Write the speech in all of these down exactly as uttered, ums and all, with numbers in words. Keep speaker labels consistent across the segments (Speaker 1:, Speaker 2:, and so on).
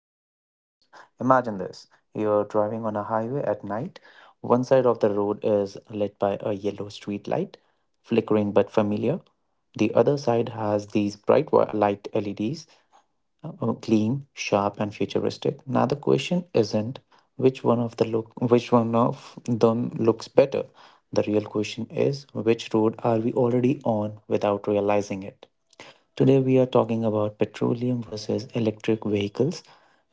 Speaker 1: to the podcast. Imagine this: you're driving on a highway at night. One side of the road is lit by a yellow street light, flickering but familiar. The other side has these bright wi- light L E Ds, uh, uh, clean, sharp, and futuristic. Now the question isn't which one of the look, which one of them looks better. The real question is which road are we already on without realizing it. Today we are talking about petroleum versus electric vehicles,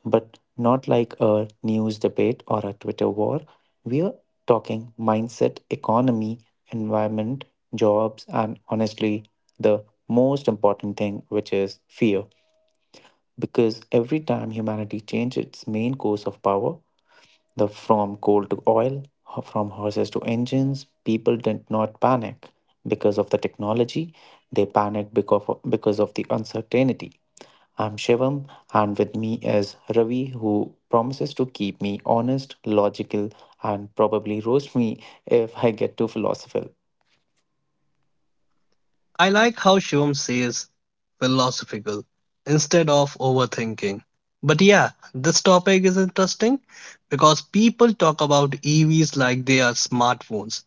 Speaker 1: but not like a news debate or a Twitter war. We are talking mindset, economy, environment, jobs, and honestly, the most important thing, which is fear. Because every time humanity changed its main course of power, the from coal to oil, ho- from horses to engines, people did not panic because of the technology. They panicked because of, because of the uncertainty. I'm Shivam, and with me is Ravi, who promises to keep me honest, logical, and probably roast me if I get too philosophical.
Speaker 2: I like how Shivam says philosophical instead of overthinking. But yeah, this topic is interesting because people talk about E Vs like they are smartphones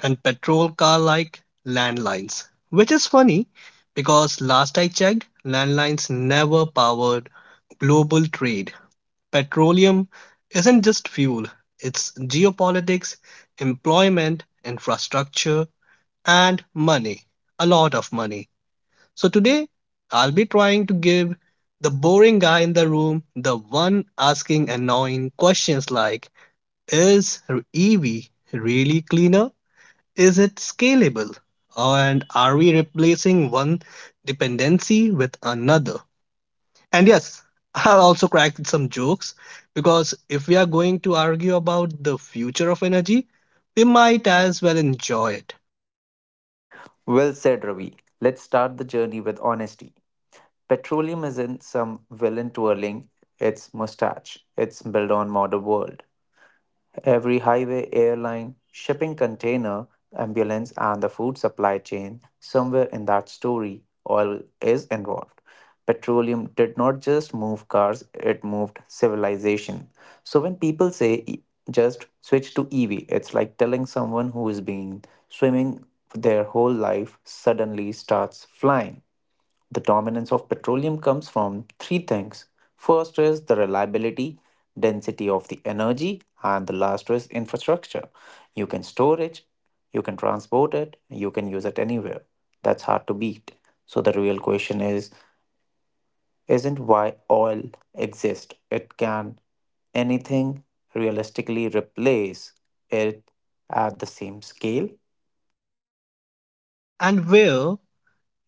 Speaker 2: and petrol car like landlines, which is funny because last I checked, landlines never powered global trade. Petroleum isn't just fuel, it's geopolitics, employment, infrastructure, and money. A lot of money. So today, I'll be trying to give the boring guy in the room the one asking annoying questions like, is E V really cleaner? Is it scalable? And are we replacing one dependency with another? And yes, I'll also crack some jokes because if we are going to argue about the future of energy, we might as well enjoy it.
Speaker 1: Well said, Ravi. Let's start the journey with honesty. Petroleum isn't some villain twirling its mustache. It's built on modern world. Every highway, airline, shipping container, ambulance, and the food supply chain, somewhere in that story, oil is involved. Petroleum did not just move cars, it moved civilization. So when people say, "E- "Just switch to E V" it's like telling someone who has been swimming their whole life suddenly starts flying. The dominance of petroleum comes from three things. First is the reliability, density of the energy, and the last is infrastructure. You can store it, you can transport it, you can use it anywhere. That's hard to beat. So the real question is isn't why oil exists. It can anything realistically replace it at the same scale?
Speaker 2: And where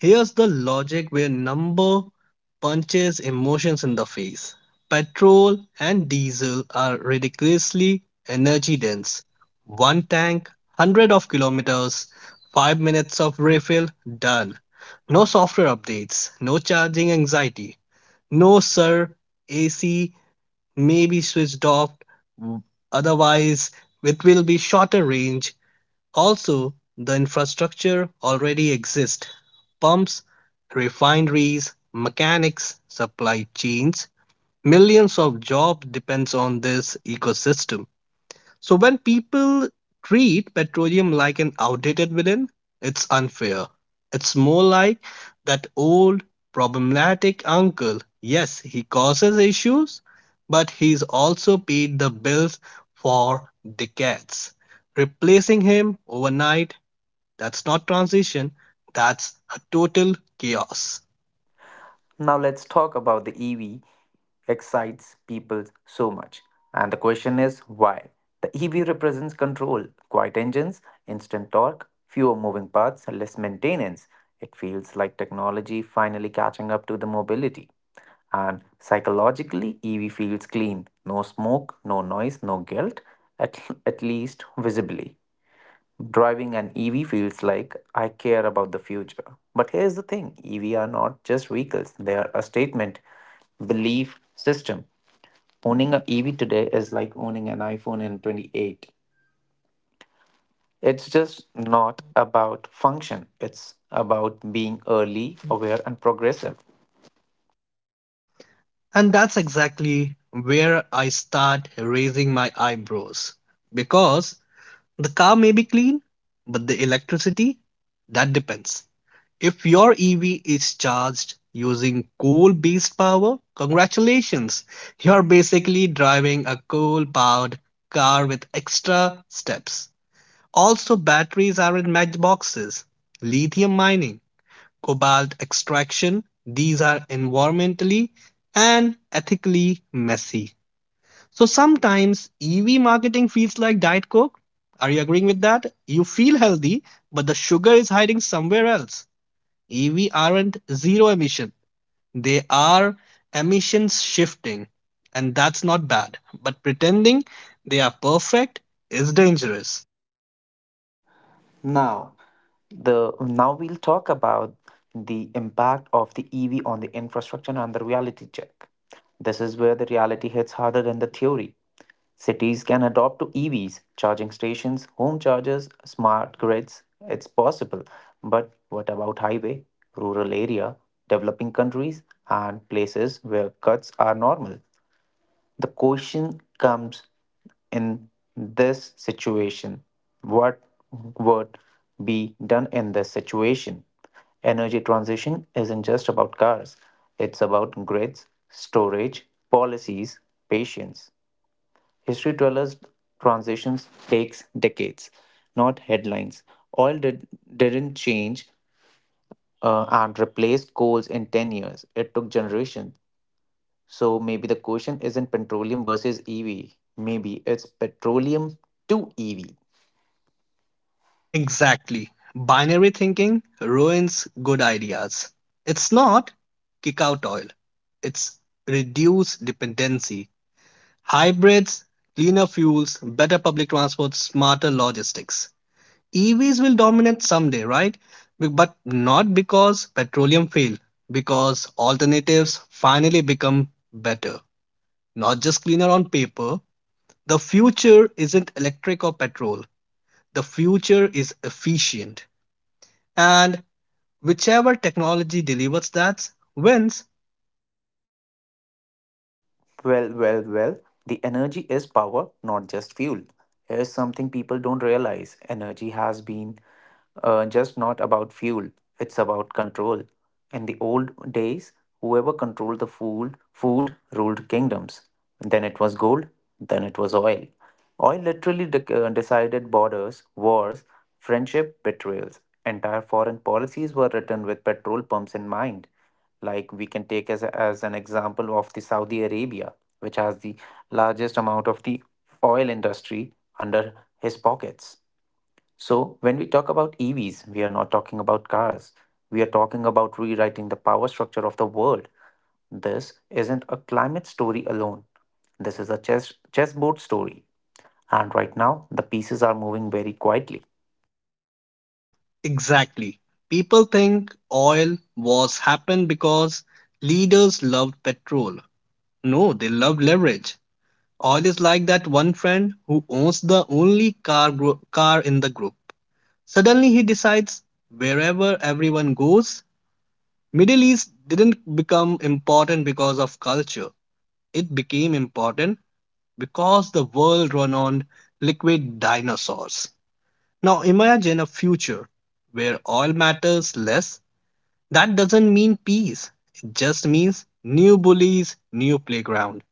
Speaker 2: Here's the logic where number punches emotions in the face. Petrol and diesel are ridiculously energy dense. One tank, hundred of kilometers, five minutes of refill, done. No software updates, no charging anxiety. No, sir, A C may be switched off, otherwise, it will be shorter range. Also, the infrastructure already exists: pumps, refineries, mechanics, supply chains. Millions of jobs depends on this ecosystem. So when people treat petroleum like an outdated villain, it's unfair. It's more like that old problematic uncle. Yes, he causes issues, but he's also paid the bills for decades. Replacing him overnight, that's not transition, that's a total chaos.
Speaker 1: Now let's talk about the E V excites people so much. And the question is why? The E V represents control, quiet engines, instant torque, fewer moving parts, less maintenance. It feels like technology finally catching up to the mobility. And psychologically, E V feels clean. No smoke, no noise, no guilt, at, at least visibly. Driving an E V feels like I care about the future. But here's the thing: E V are not just vehicles, they are a statement, belief, system. Owning an E V today is like owning an iPhone in twenty eight. It's just not about function, it's about being early, aware, and progressive.
Speaker 2: And that's exactly where I start raising my eyebrows. Because the car may be clean, but the electricity, that depends. If your E V is charged using coal based power, congratulations, you're basically driving a coal powered car with extra steps. Also, batteries are in matchboxes, lithium mining, cobalt extraction. These are environmentally and ethically messy. So sometimes E V marketing feels like Diet Coke. Are you agreeing with that? You feel healthy, but the sugar is hiding somewhere else. E V aren't zero emission, they are emissions shifting, and that's not bad. But pretending they are perfect is dangerous.
Speaker 1: Now, the now we'll talk about the impact of the E V on the infrastructure and the reality check. This is where the reality hits harder than the theory. Cities can adopt to E Vs, charging stations, home chargers, smart grids. It's possible. But what about highway, rural area, developing countries and places where cuts are normal? The question comes in this situation. What would be done in this situation? Energy transition isn't just about cars, it's about grids, storage, policies, patience. History tells us transitions takes decades, not headlines. Oil did, didn't change uh, and replace coals in ten years. It took generations. So maybe the question isn't petroleum versus E V. Maybe it's petroleum to E V.
Speaker 2: Exactly. Binary thinking ruins good ideas. It's not kick out oil, it's reduce dependency. Hybrids, cleaner fuels, better public transport, smarter logistics. E Vs will dominate someday, right? B- But not because petroleum failed, because alternatives finally become better. Not just cleaner on paper. The future isn't electric or petrol, the future is efficient. And whichever technology delivers that wins.
Speaker 1: Well, well, well, the energy is power, not just fuel. Here's something people don't realize: energy has been uh, just not about fuel, it's about control. In the old days, whoever controlled the food, food ruled kingdoms. Then it was gold, then it was oil. Oil literally dec uh, decided borders, wars, friendship, betrayals. Entire foreign policies were written with petrol pumps in mind. Like we can take as, a- as an example of the Saudi Arabia, which has the largest amount of the oil industry under his pockets. So, when we talk about E Vs, we are not talking about cars. We are talking about rewriting the power structure of the world. This isn't a climate story alone. This is a chess chessboard story. And right now, the pieces are moving very quietly.
Speaker 2: Exactly. People think oil was happened because leaders loved petrol. No, they loved leverage. Oil is like that one friend who owns the only car gro- car in the group. Suddenly he decides wherever everyone goes, Middle East didn't become important because of culture. It became important because the world run on liquid dinosaurs. Now imagine a future where oil matters less. That doesn't mean peace, it just means new bullies, new playground.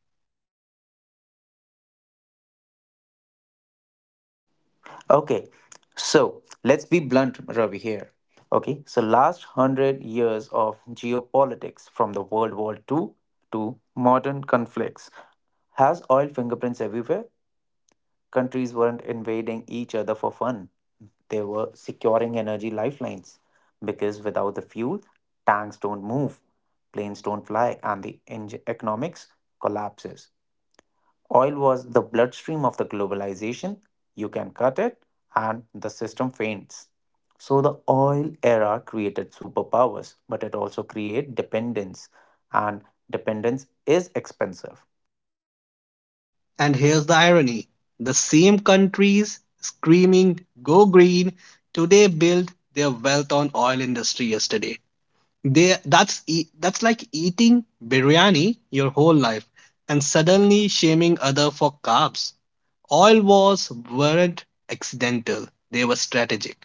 Speaker 1: Okay, so let's be blunt, Ravi, here. Okay, so last hundred years of geopolitics from the World War the second to modern conflicts has oil fingerprints everywhere. Countries weren't invading each other for fun, they were securing energy lifelines because without the fuel, tanks don't move, planes don't fly, and the eng- economics collapses. Oil was the bloodstream of the globalization. You can cut it, and the system faints. So the oil era created superpowers, but it also created dependence, and dependence is expensive.
Speaker 2: And here's the irony, the same countries screaming go green today built their wealth on oil industry yesterday. They, that's, e- that's like eating biryani your whole life and suddenly shaming other for carbs. Oil wars weren't accidental, they were strategic.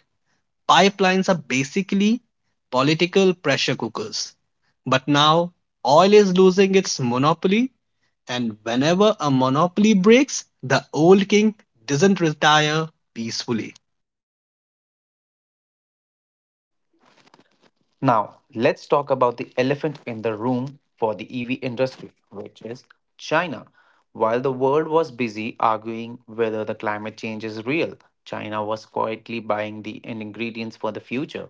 Speaker 2: Pipelines are basically political pressure cookers. But now oil is losing its monopoly, and whenever a monopoly breaks, the old king doesn't retire peacefully.
Speaker 1: Now, let's talk about the elephant in the room for the E V industry, which is China. While the world was busy arguing whether the climate change is real, China was quietly buying the ingredients for the future.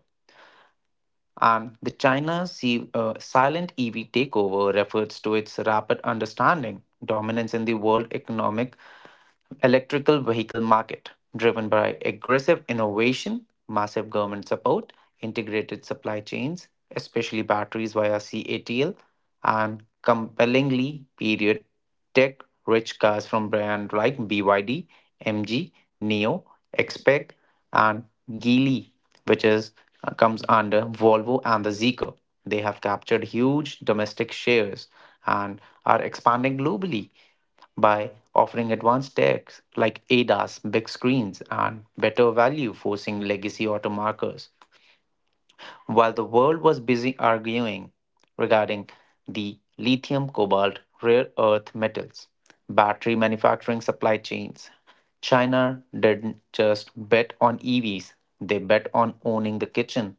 Speaker 1: And the China's si- uh, silent E V takeover refers to its rapid understanding, dominance in the world economic electrical vehicle market, driven by aggressive innovation, massive government support, integrated supply chains, especially batteries via C A T L, and compellingly period tech rich cars from brands like B Y D, M G, NEO, XPeng, and Geely, which is uh, comes under Volvo and the Zeekr. They have captured huge domestic shares and are expanding globally by offering advanced techs like A D A S, big screens, and better value, forcing legacy automarkers. While the world was busy arguing regarding the lithium, cobalt, rare earth metals, battery manufacturing supply chains, China didn't just bet on E Vs, they bet on owning the kitchen,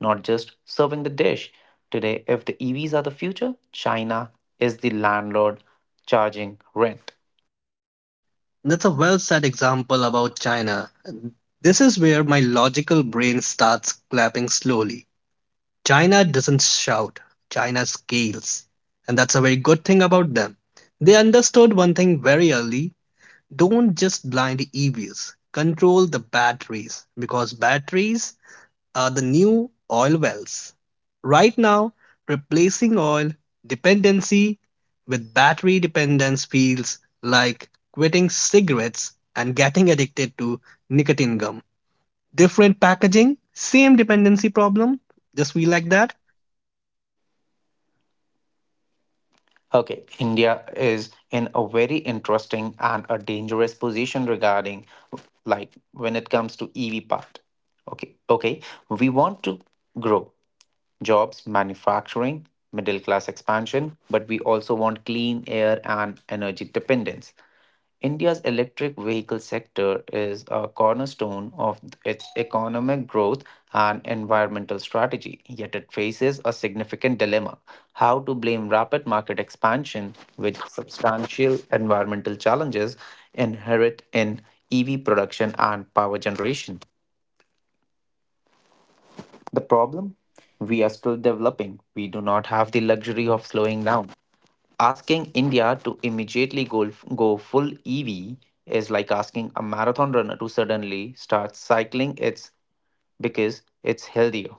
Speaker 1: not just serving the dish. Today, if the E Vs are the future, China is the landlord charging rent.
Speaker 2: That's a well said example about China. This is where my logical brain starts clapping slowly. China doesn't shout, China scales. And that's a very good thing about them. They understood one thing very early: don't just blind E Vs, control the batteries because batteries are the new oil wells. Right now, replacing oil dependency with battery dependence feels like quitting cigarettes and getting addicted to nicotine gum. Different packaging, same dependency problem, just feel like that.
Speaker 1: Okay, India is in a very interesting and a dangerous position regarding like when it comes to E V part. Okay, okay, we want to grow jobs, manufacturing, middle class expansion, but we also want clean air and energy dependence. India's electric vehicle sector is a cornerstone of its economic growth and environmental strategy, yet it faces a significant dilemma: how to blame rapid market expansion with substantial environmental challenges inherent in E V production and power generation. The problem? We are still developing. We do not have the luxury of slowing down. Asking India to immediately go, go full E V is like asking a marathon runner to suddenly start cycling it's because it's healthier.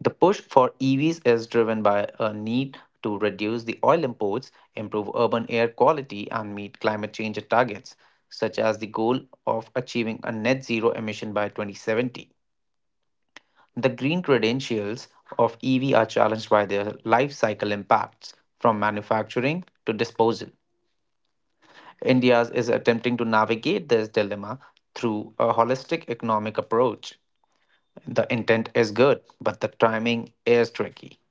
Speaker 1: The push for E Vs is driven by a need to reduce the oil imports, improve urban air quality, and meet climate change targets, such as the goal of achieving a net zero emission by twenty seventy. The green credentials of E V are challenged by their life cycle impacts, from manufacturing to disposal. India is attempting to navigate this dilemma through a holistic economic approach. The intent is good, but the timing is tricky.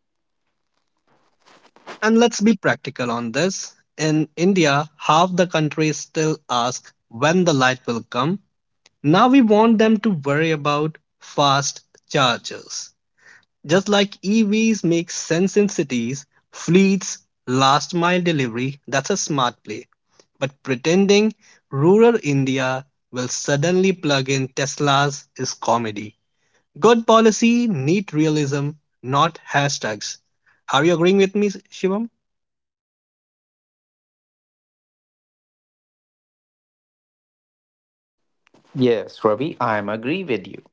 Speaker 2: And let's be practical on this. In India, half the country still asks when the light will come, now we want them to worry about fast chargers. Just like E Vs make sense in cities, fleets, last mile delivery, that's a smart play. But pretending rural India will suddenly plug in Teslas is comedy. Good policy, neat realism, not hashtags. Are you agreeing with me, Shivam?
Speaker 1: Yes, Ravi, I am agree with you.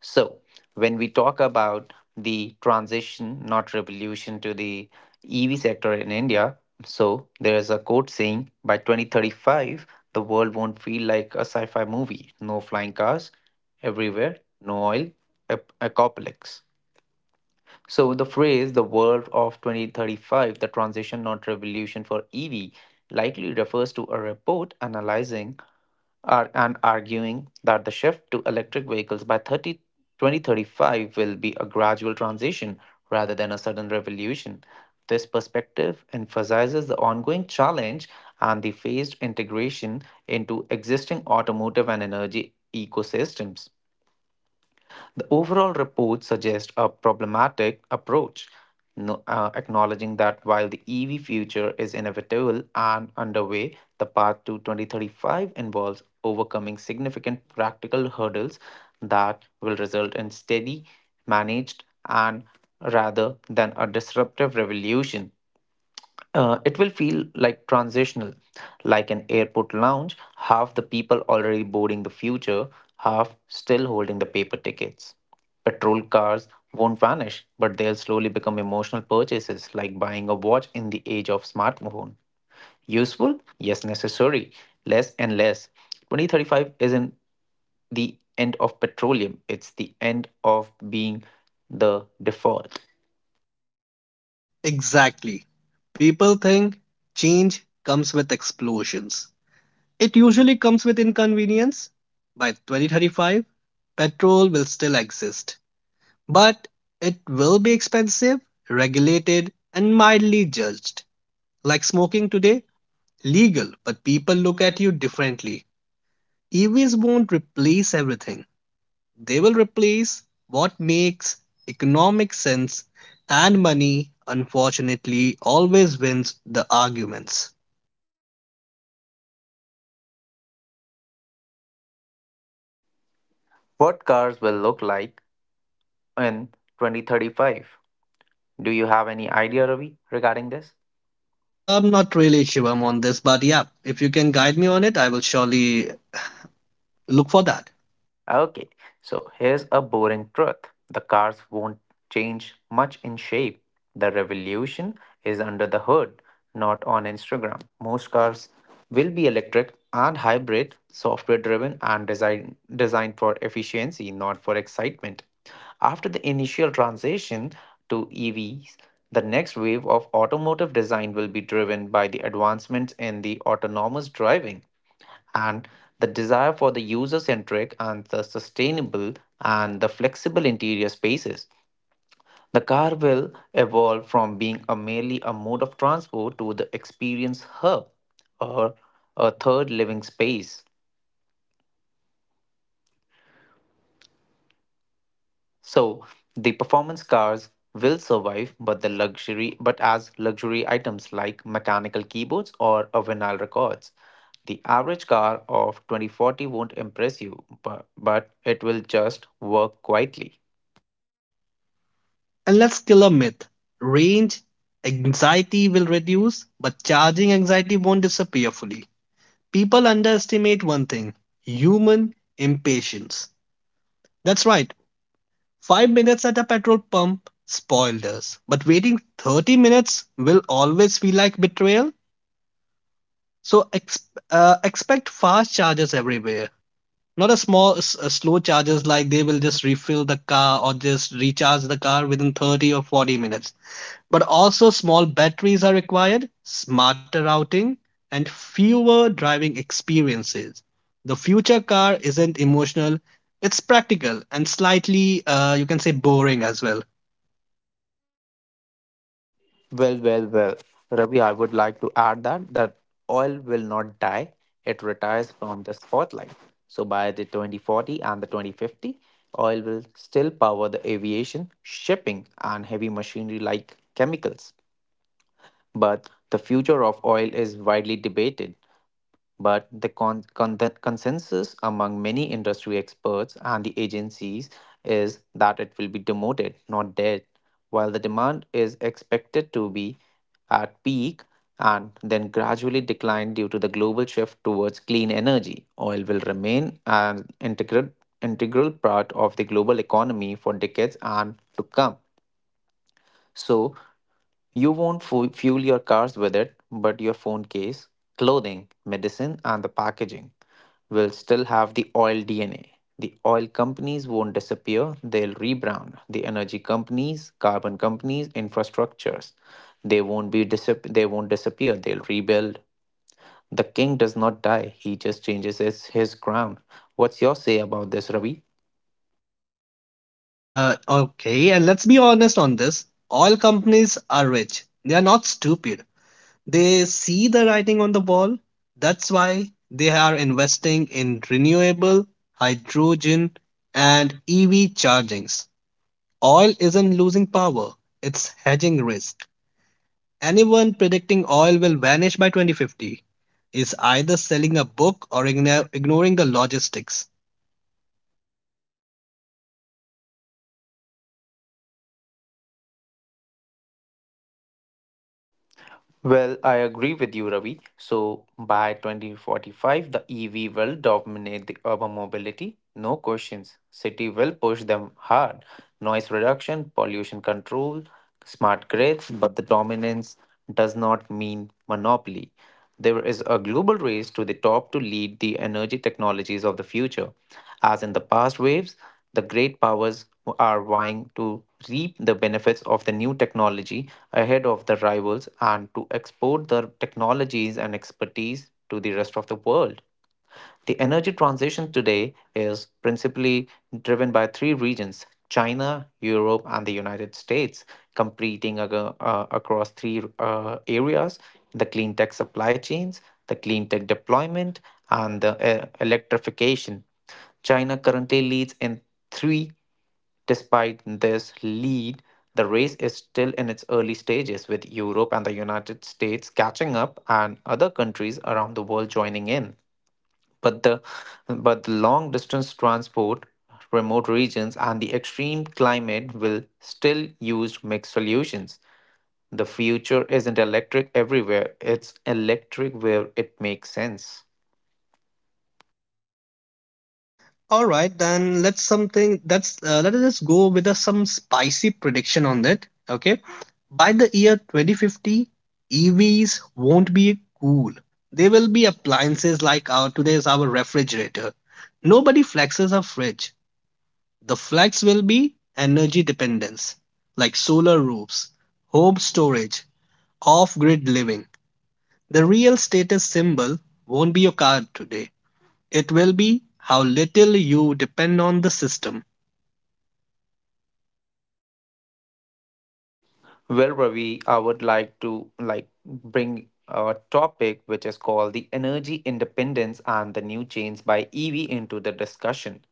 Speaker 1: So, when we talk about the transition, not revolution, to the E V sector in India, so there is a quote saying by twenty thirty-five, the world won't feel like a sci fi movie. No flying cars everywhere, no oil, ap- apocalypse. So the phrase "the world of twenty thirty-five, the transition not revolution for E V" likely refers to a report analyzing ar- and arguing that the shift to electric vehicles by thirty, twenty thirty-five will be a gradual transition rather than a sudden revolution. This perspective emphasizes the ongoing challenge and the phased integration into existing automotive and energy ecosystems. The overall report suggests a problematic approach, no- uh, acknowledging that while the E V future is inevitable and underway, the path to twenty thirty-five involves overcoming significant practical hurdles that will result in steady, managed, and rather than a disruptive revolution. Uh, it will feel like transitional, like an airport lounge, half the people already boarding the future, half still holding the paper tickets. Petrol cars won't vanish, but they'll slowly become emotional purchases, like buying a watch in the age of smartphone. Useful? Yes, necessary. Less and less. twenty thirty-five isn't the end of petroleum, it's the end of being the default.
Speaker 2: Exactly. People think change comes with explosions. It usually comes with inconvenience. By twenty thirty-five, petrol will still exist, but it will be expensive, regulated, and mildly judged. Like smoking today, legal, but people look at you differently. E Vs won't replace everything, they will replace what makes economic sense, and money, unfortunately, always wins the arguments.
Speaker 1: What cars will look like in twenty thirty-five? Do you have any idea, Ravi, regarding this?
Speaker 2: I'm not really Shivam on this, but yeah, if you can guide me on it, I will surely look for that.
Speaker 1: Okay, so here's a boring truth: the cars won't change much in shape. The revolution is under the hood, not on Instagram. Most cars will be electric and hybrid, software driven, and design, designed for efficiency, not for excitement. After the initial transition to E Vs, the next wave of automotive design will be driven by the advancements in the autonomous driving and the desire for the user centric and the sustainable and the flexible interior spaces. The car will evolve from being a merely a mode of transport to the experience hub or a third living space. So the performance cars will survive but the luxury but as luxury items like mechanical keyboards or a vinyl records. The average car of twenty forty won't impress you, but, but it will just work quietly.
Speaker 2: And let's kill a myth. Range anxiety will reduce, but charging anxiety won't disappear fully. People underestimate one thing: human impatience. That's right, five minutes at a petrol pump spoiled us, but waiting thirty minutes will always feel like betrayal. So ex- uh, expect fast chargers everywhere, not a small, s- uh, slow charges like they will just refill the car or just recharge the car within thirty or forty minutes. But also, small batteries are required, smarter routing, and fewer driving experiences. The future car isn't emotional, it's practical and slightly, uh, you can say, boring as well.
Speaker 1: Well, well, well, Ravi, I would like to add that that oil will not die; it retires from the spotlight. So by the twenty forty and the twenty fifty, oil will still power the aviation, shipping, and heavy machinery like chemicals. But the future of oil is widely debated. But the con- con- the consensus among many industry experts and the agencies is that it will be demoted, not dead, while the demand is expected to be at peak and then gradually decline due to the global shift towards clean energy. Oil will remain an integral integral part of the global economy for decades and to come. So you won't fu- fuel your cars with it, but your phone case, clothing, medicine, and the packaging will still have the oil D N A. The oil companies won't disappear, they'll rebrand. The energy companies, carbon companies, infrastructures, they won't be disap- they won't disappear, they'll rebuild. The king does not die, he just changes his, his crown. What's your say about this, Ravi?
Speaker 2: Uh, okay, and let's be honest on this, oil companies are rich, they are not stupid. They see the writing on the wall. That's why they are investing in renewable hydrogen and E V chargings. Oil isn't losing power, it's hedging risk. Anyone predicting oil will vanish by twenty fifty is either selling a book or igno- ignoring the logistics.
Speaker 1: Well, I agree with you, Ravi. So by twenty forty-five, the E V will dominate the urban mobility, no questions. City will push them hard. Noise reduction, pollution control, smart grids, but the dominance does not mean monopoly. There is a global race to the top to lead the energy technologies of the future. As in the past waves, the great powers are vying to reap the benefits of the new technology ahead of the rivals and to export their technologies and expertise to the rest of the world. The energy transition today is principally driven by three regions: China, Europe, and the United States, competing ag- uh, across three uh, areas: the clean tech supply chains, the clean tech deployment, and the uh, electrification. China currently leads in three. Despite this lead, the race is still in its early stages, with Europe and the United States catching up and other countries around the world joining in. But the, but the long distance transport, remote regions, and the extreme climate will still use mixed solutions. The future isn't electric everywhere, it's electric where it makes sense.
Speaker 2: All right, then let's something that's uh, let us go with uh, some spicy prediction on that. Okay, by the year twenty fifty, E Vs won't be cool. They will be appliances like our today's our refrigerator. Nobody flexes a fridge. The flex will be energy dependence, like solar roofs, home storage, off-grid living. The real status symbol won't be your car today. It will be how little you depend on the system.
Speaker 1: Well, Ravi, I would like to like bring a topic which is called the energy independence and the new chains by E V into the discussion.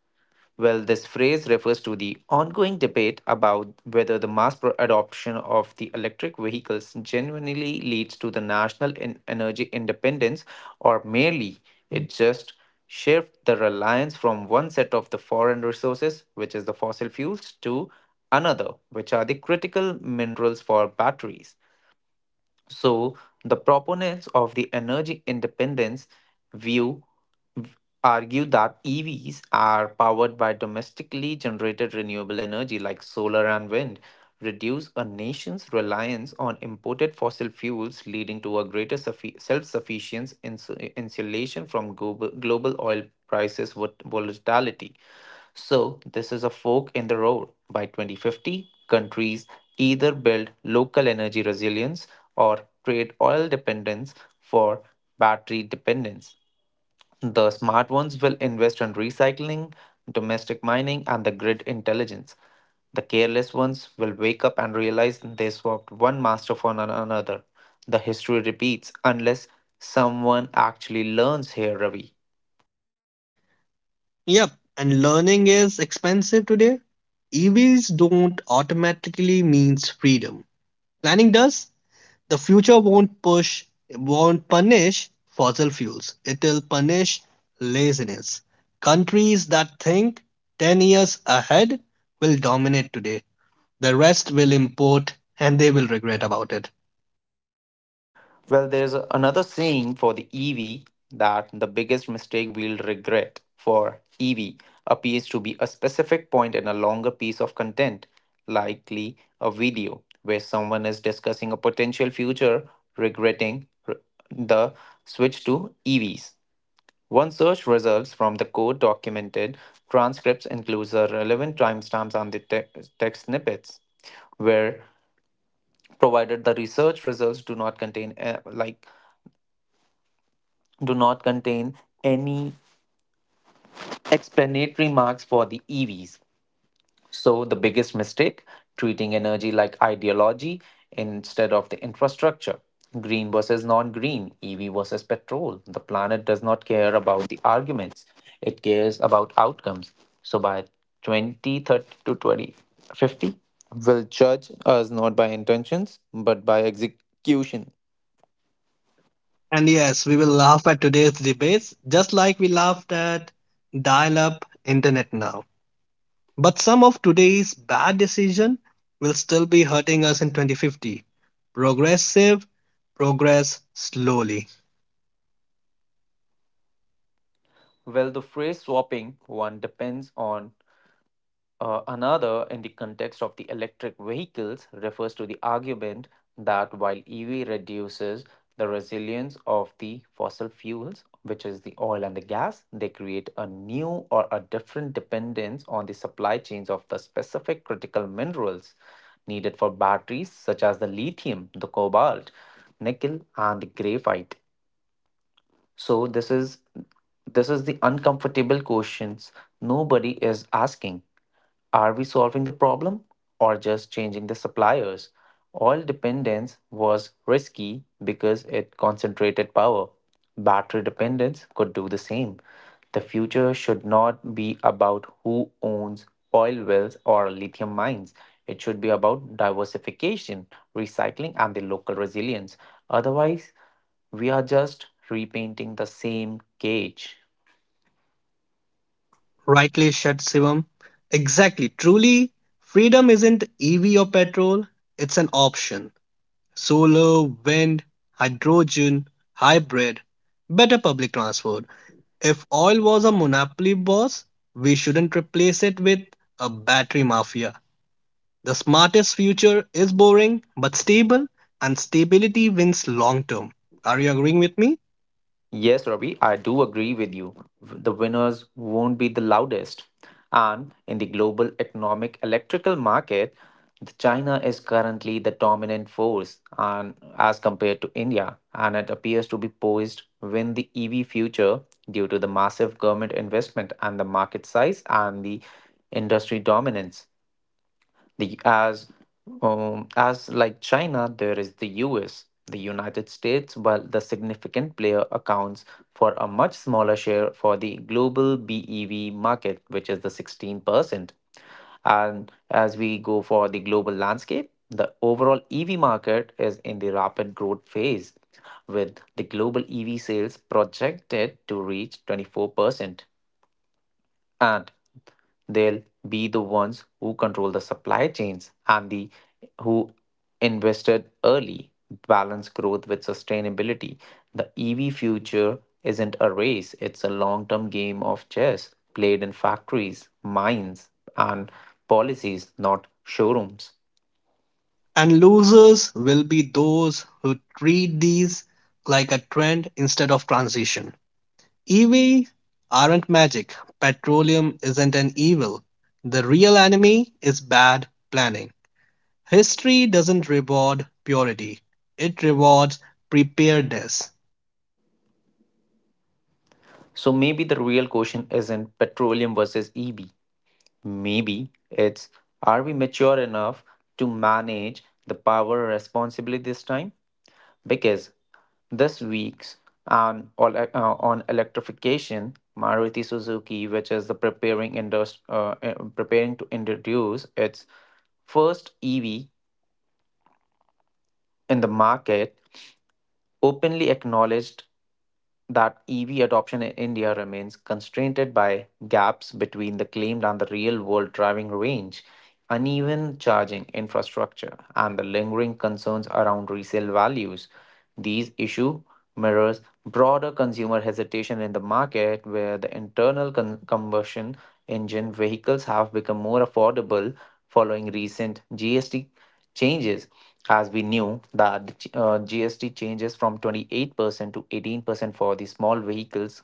Speaker 1: Well, this phrase refers to the ongoing debate about whether the mass pro- adoption of the electric vehicles genuinely leads to the national en- energy independence, or merely it just shifts the reliance from one set of the foreign resources, which is the fossil fuels, to another, which are the critical minerals for batteries. So, the proponents of the energy independence view argue that E Vs are powered by domestically generated renewable energy like solar and wind, reduce a nation's reliance on imported fossil fuels, leading to a greater self sufficiency insulation from global, global oil prices vol- volatility. So, this is a fork in the road. By twenty fifty, countries either build local energy resilience or trade oil dependence for battery dependence. The smart ones will invest in recycling, domestic mining, and the grid intelligence. The careless ones will wake up and realize they swapped one master for an- another. The history repeats unless someone actually learns here, Ravi.
Speaker 2: Yep, and learning is expensive today. E Vs don't automatically means freedom. Planning does. The future won't push, won't punish fossil fuels. It'll punish laziness. Countries that think ten years ahead will dominate today. The rest will import and they will regret about it.
Speaker 1: Well, there's another saying for the E V that the biggest mistake we'll regret for E V appears to be a specific point in a longer piece of content, likely a video, where someone is discussing a potential future, regretting r- the switch to E Vs. One search results from the code documented transcripts includes the relevant timestamps and the te- text snippets where provided the research results do not contain uh, like do not contain any explanatory marks for the E Vs. So, the biggest mistake: treating energy like ideology instead of the infrastructure. Green versus non green, E V versus petrol. The planet does not care about the arguments, it cares about outcomes. So, by twenty thirty to twenty fifty, will judge us not by intentions but by execution.
Speaker 2: And yes, we will laugh at today's debates just like we laughed at dial up internet now. But some of today's bad decision will still be hurting us in twenty fifty. Progressive, progress slowly.
Speaker 1: Well, the phrase swapping one depends on, Uh, another, in the context of the electric vehicles, refers to the argument that while E V reduces the resilience of the fossil fuels, which is the oil and the gas, they create a new or a different dependence on the supply chains of the specific critical minerals needed for batteries, such as the lithium, the cobalt, nickel, and the graphite. So, this is this is the uncomfortable questions nobody is asking: are we solving the problem or just changing the suppliers? Oil dependence was risky because it concentrated power. Battery dependence could do the same. The future should not be about who owns oil wells or lithium mines. It should be about diversification, recycling, and the local resilience. Otherwise, we are just repainting the same cage.
Speaker 2: Rightly said Shivam. Exactly. Truly, freedom isn't E V or petrol, it's an option. Solar, wind, hydrogen, hybrid, better public transport. If oil was a monopoly boss, we shouldn't replace it with a battery mafia. The smartest future is boring but stable, and stability wins long term. Are you agreeing with me?
Speaker 1: Yes, Ravi, I do agree with you. The winners won't be the loudest. And in the global economic electrical market, the China is currently the dominant force and as compared to India, and it appears to be poised win the E V future due to the massive government investment and the market size and the industry dominance. The as um, As like China, there is the U S, the United States, while the significant player accounts for a much smaller share for the global B E V market, which is the sixteen percent. And as we go for the global landscape, the overall E V market is in the rapid growth phase, with the global E V sales projected to reach twenty-four percent. They'll be the ones who control the supply chains and the who invested early, balance growth with sustainability. The ev future isn't a race, it's a long-term game of chess played in factories, mines, and policies, not showrooms.
Speaker 2: And losers will be those who treat these like a trend instead of transition. E V aren't magic, petroleum isn't an evil. The real enemy is bad planning. History doesn't reward purity, it rewards preparedness.
Speaker 1: So maybe the real question isn't petroleum versus E V. Maybe it's, are we mature enough to manage the power responsibly this time? Because this week's on all- uh, on electrification, Maruti Suzuki, which is the preparing indus- uh, uh, preparing to introduce its first E V in the market, openly acknowledged that E V adoption in India remains constrained by gaps between the claimed and the real world driving range, uneven charging infrastructure, and the lingering concerns around resale values. These issue mirrors broader consumer hesitation in the market where the internal con- combustion engine vehicles have become more affordable following recent G S T changes, as we knew that the ch- uh, G S T changes from twenty-eight percent to eighteen percent for the small vehicles,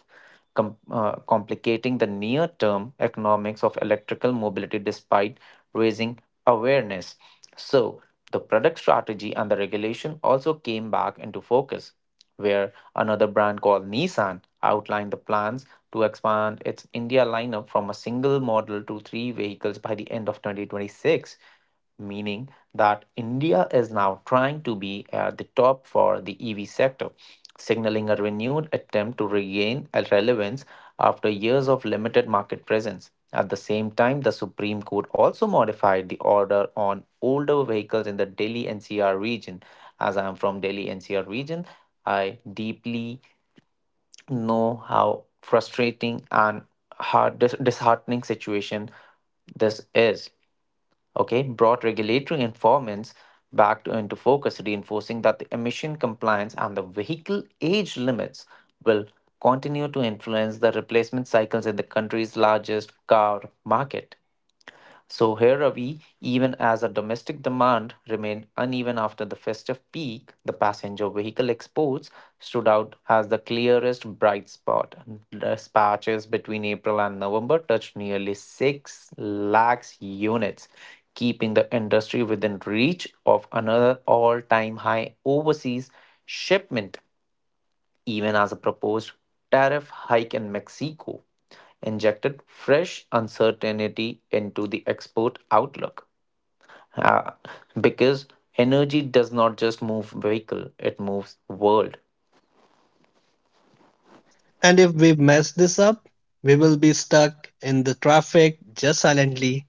Speaker 1: com- uh, complicating the near term economics of electrical mobility despite raising awareness. So, the product strategy and the regulation also came back into focus, where another brand called Nissan outlined the plans to expand its India lineup from a single model to three vehicles by the end of twenty twenty-six, meaning that India is now trying to be at the top for the E V sector, signaling a renewed attempt to regain a relevance after years of limited market presence. At the same time, the Supreme Court also modified the order on older vehicles in the Delhi N C R region. As I am from Delhi N C R region, I deeply know how frustrating and heart dis- disheartening situation this is. Okay, brought regulatory enforcements back to, into focus, reinforcing that the emission compliance and the vehicle age limits will continue to influence the replacement cycles in the country's largest car market. So here are we, even as a domestic demand remained uneven after the festive peak, the passenger vehicle exports stood out as the clearest bright spot. Dispatches between April and November touched nearly six lakhs units, keeping the industry within reach of another all-time high overseas shipment even as a proposed tariff hike in Mexico injected fresh uncertainty into the export outlook. Uh, because energy does not just move vehicle, it moves world.
Speaker 2: And if we mess this up, we will be stuck in the traffic just silently.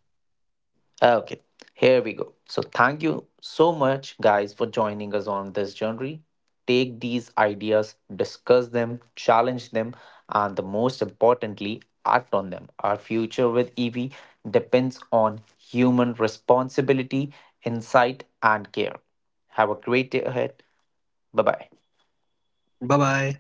Speaker 1: Okay, here we go. So, thank you so much, guys, for joining us on this journey. Take these ideas, discuss them, challenge them, and the most importantly, act on them. Our future with E V depends on human responsibility, insight, and care. Have a great day ahead. Bye bye.
Speaker 2: Bye bye.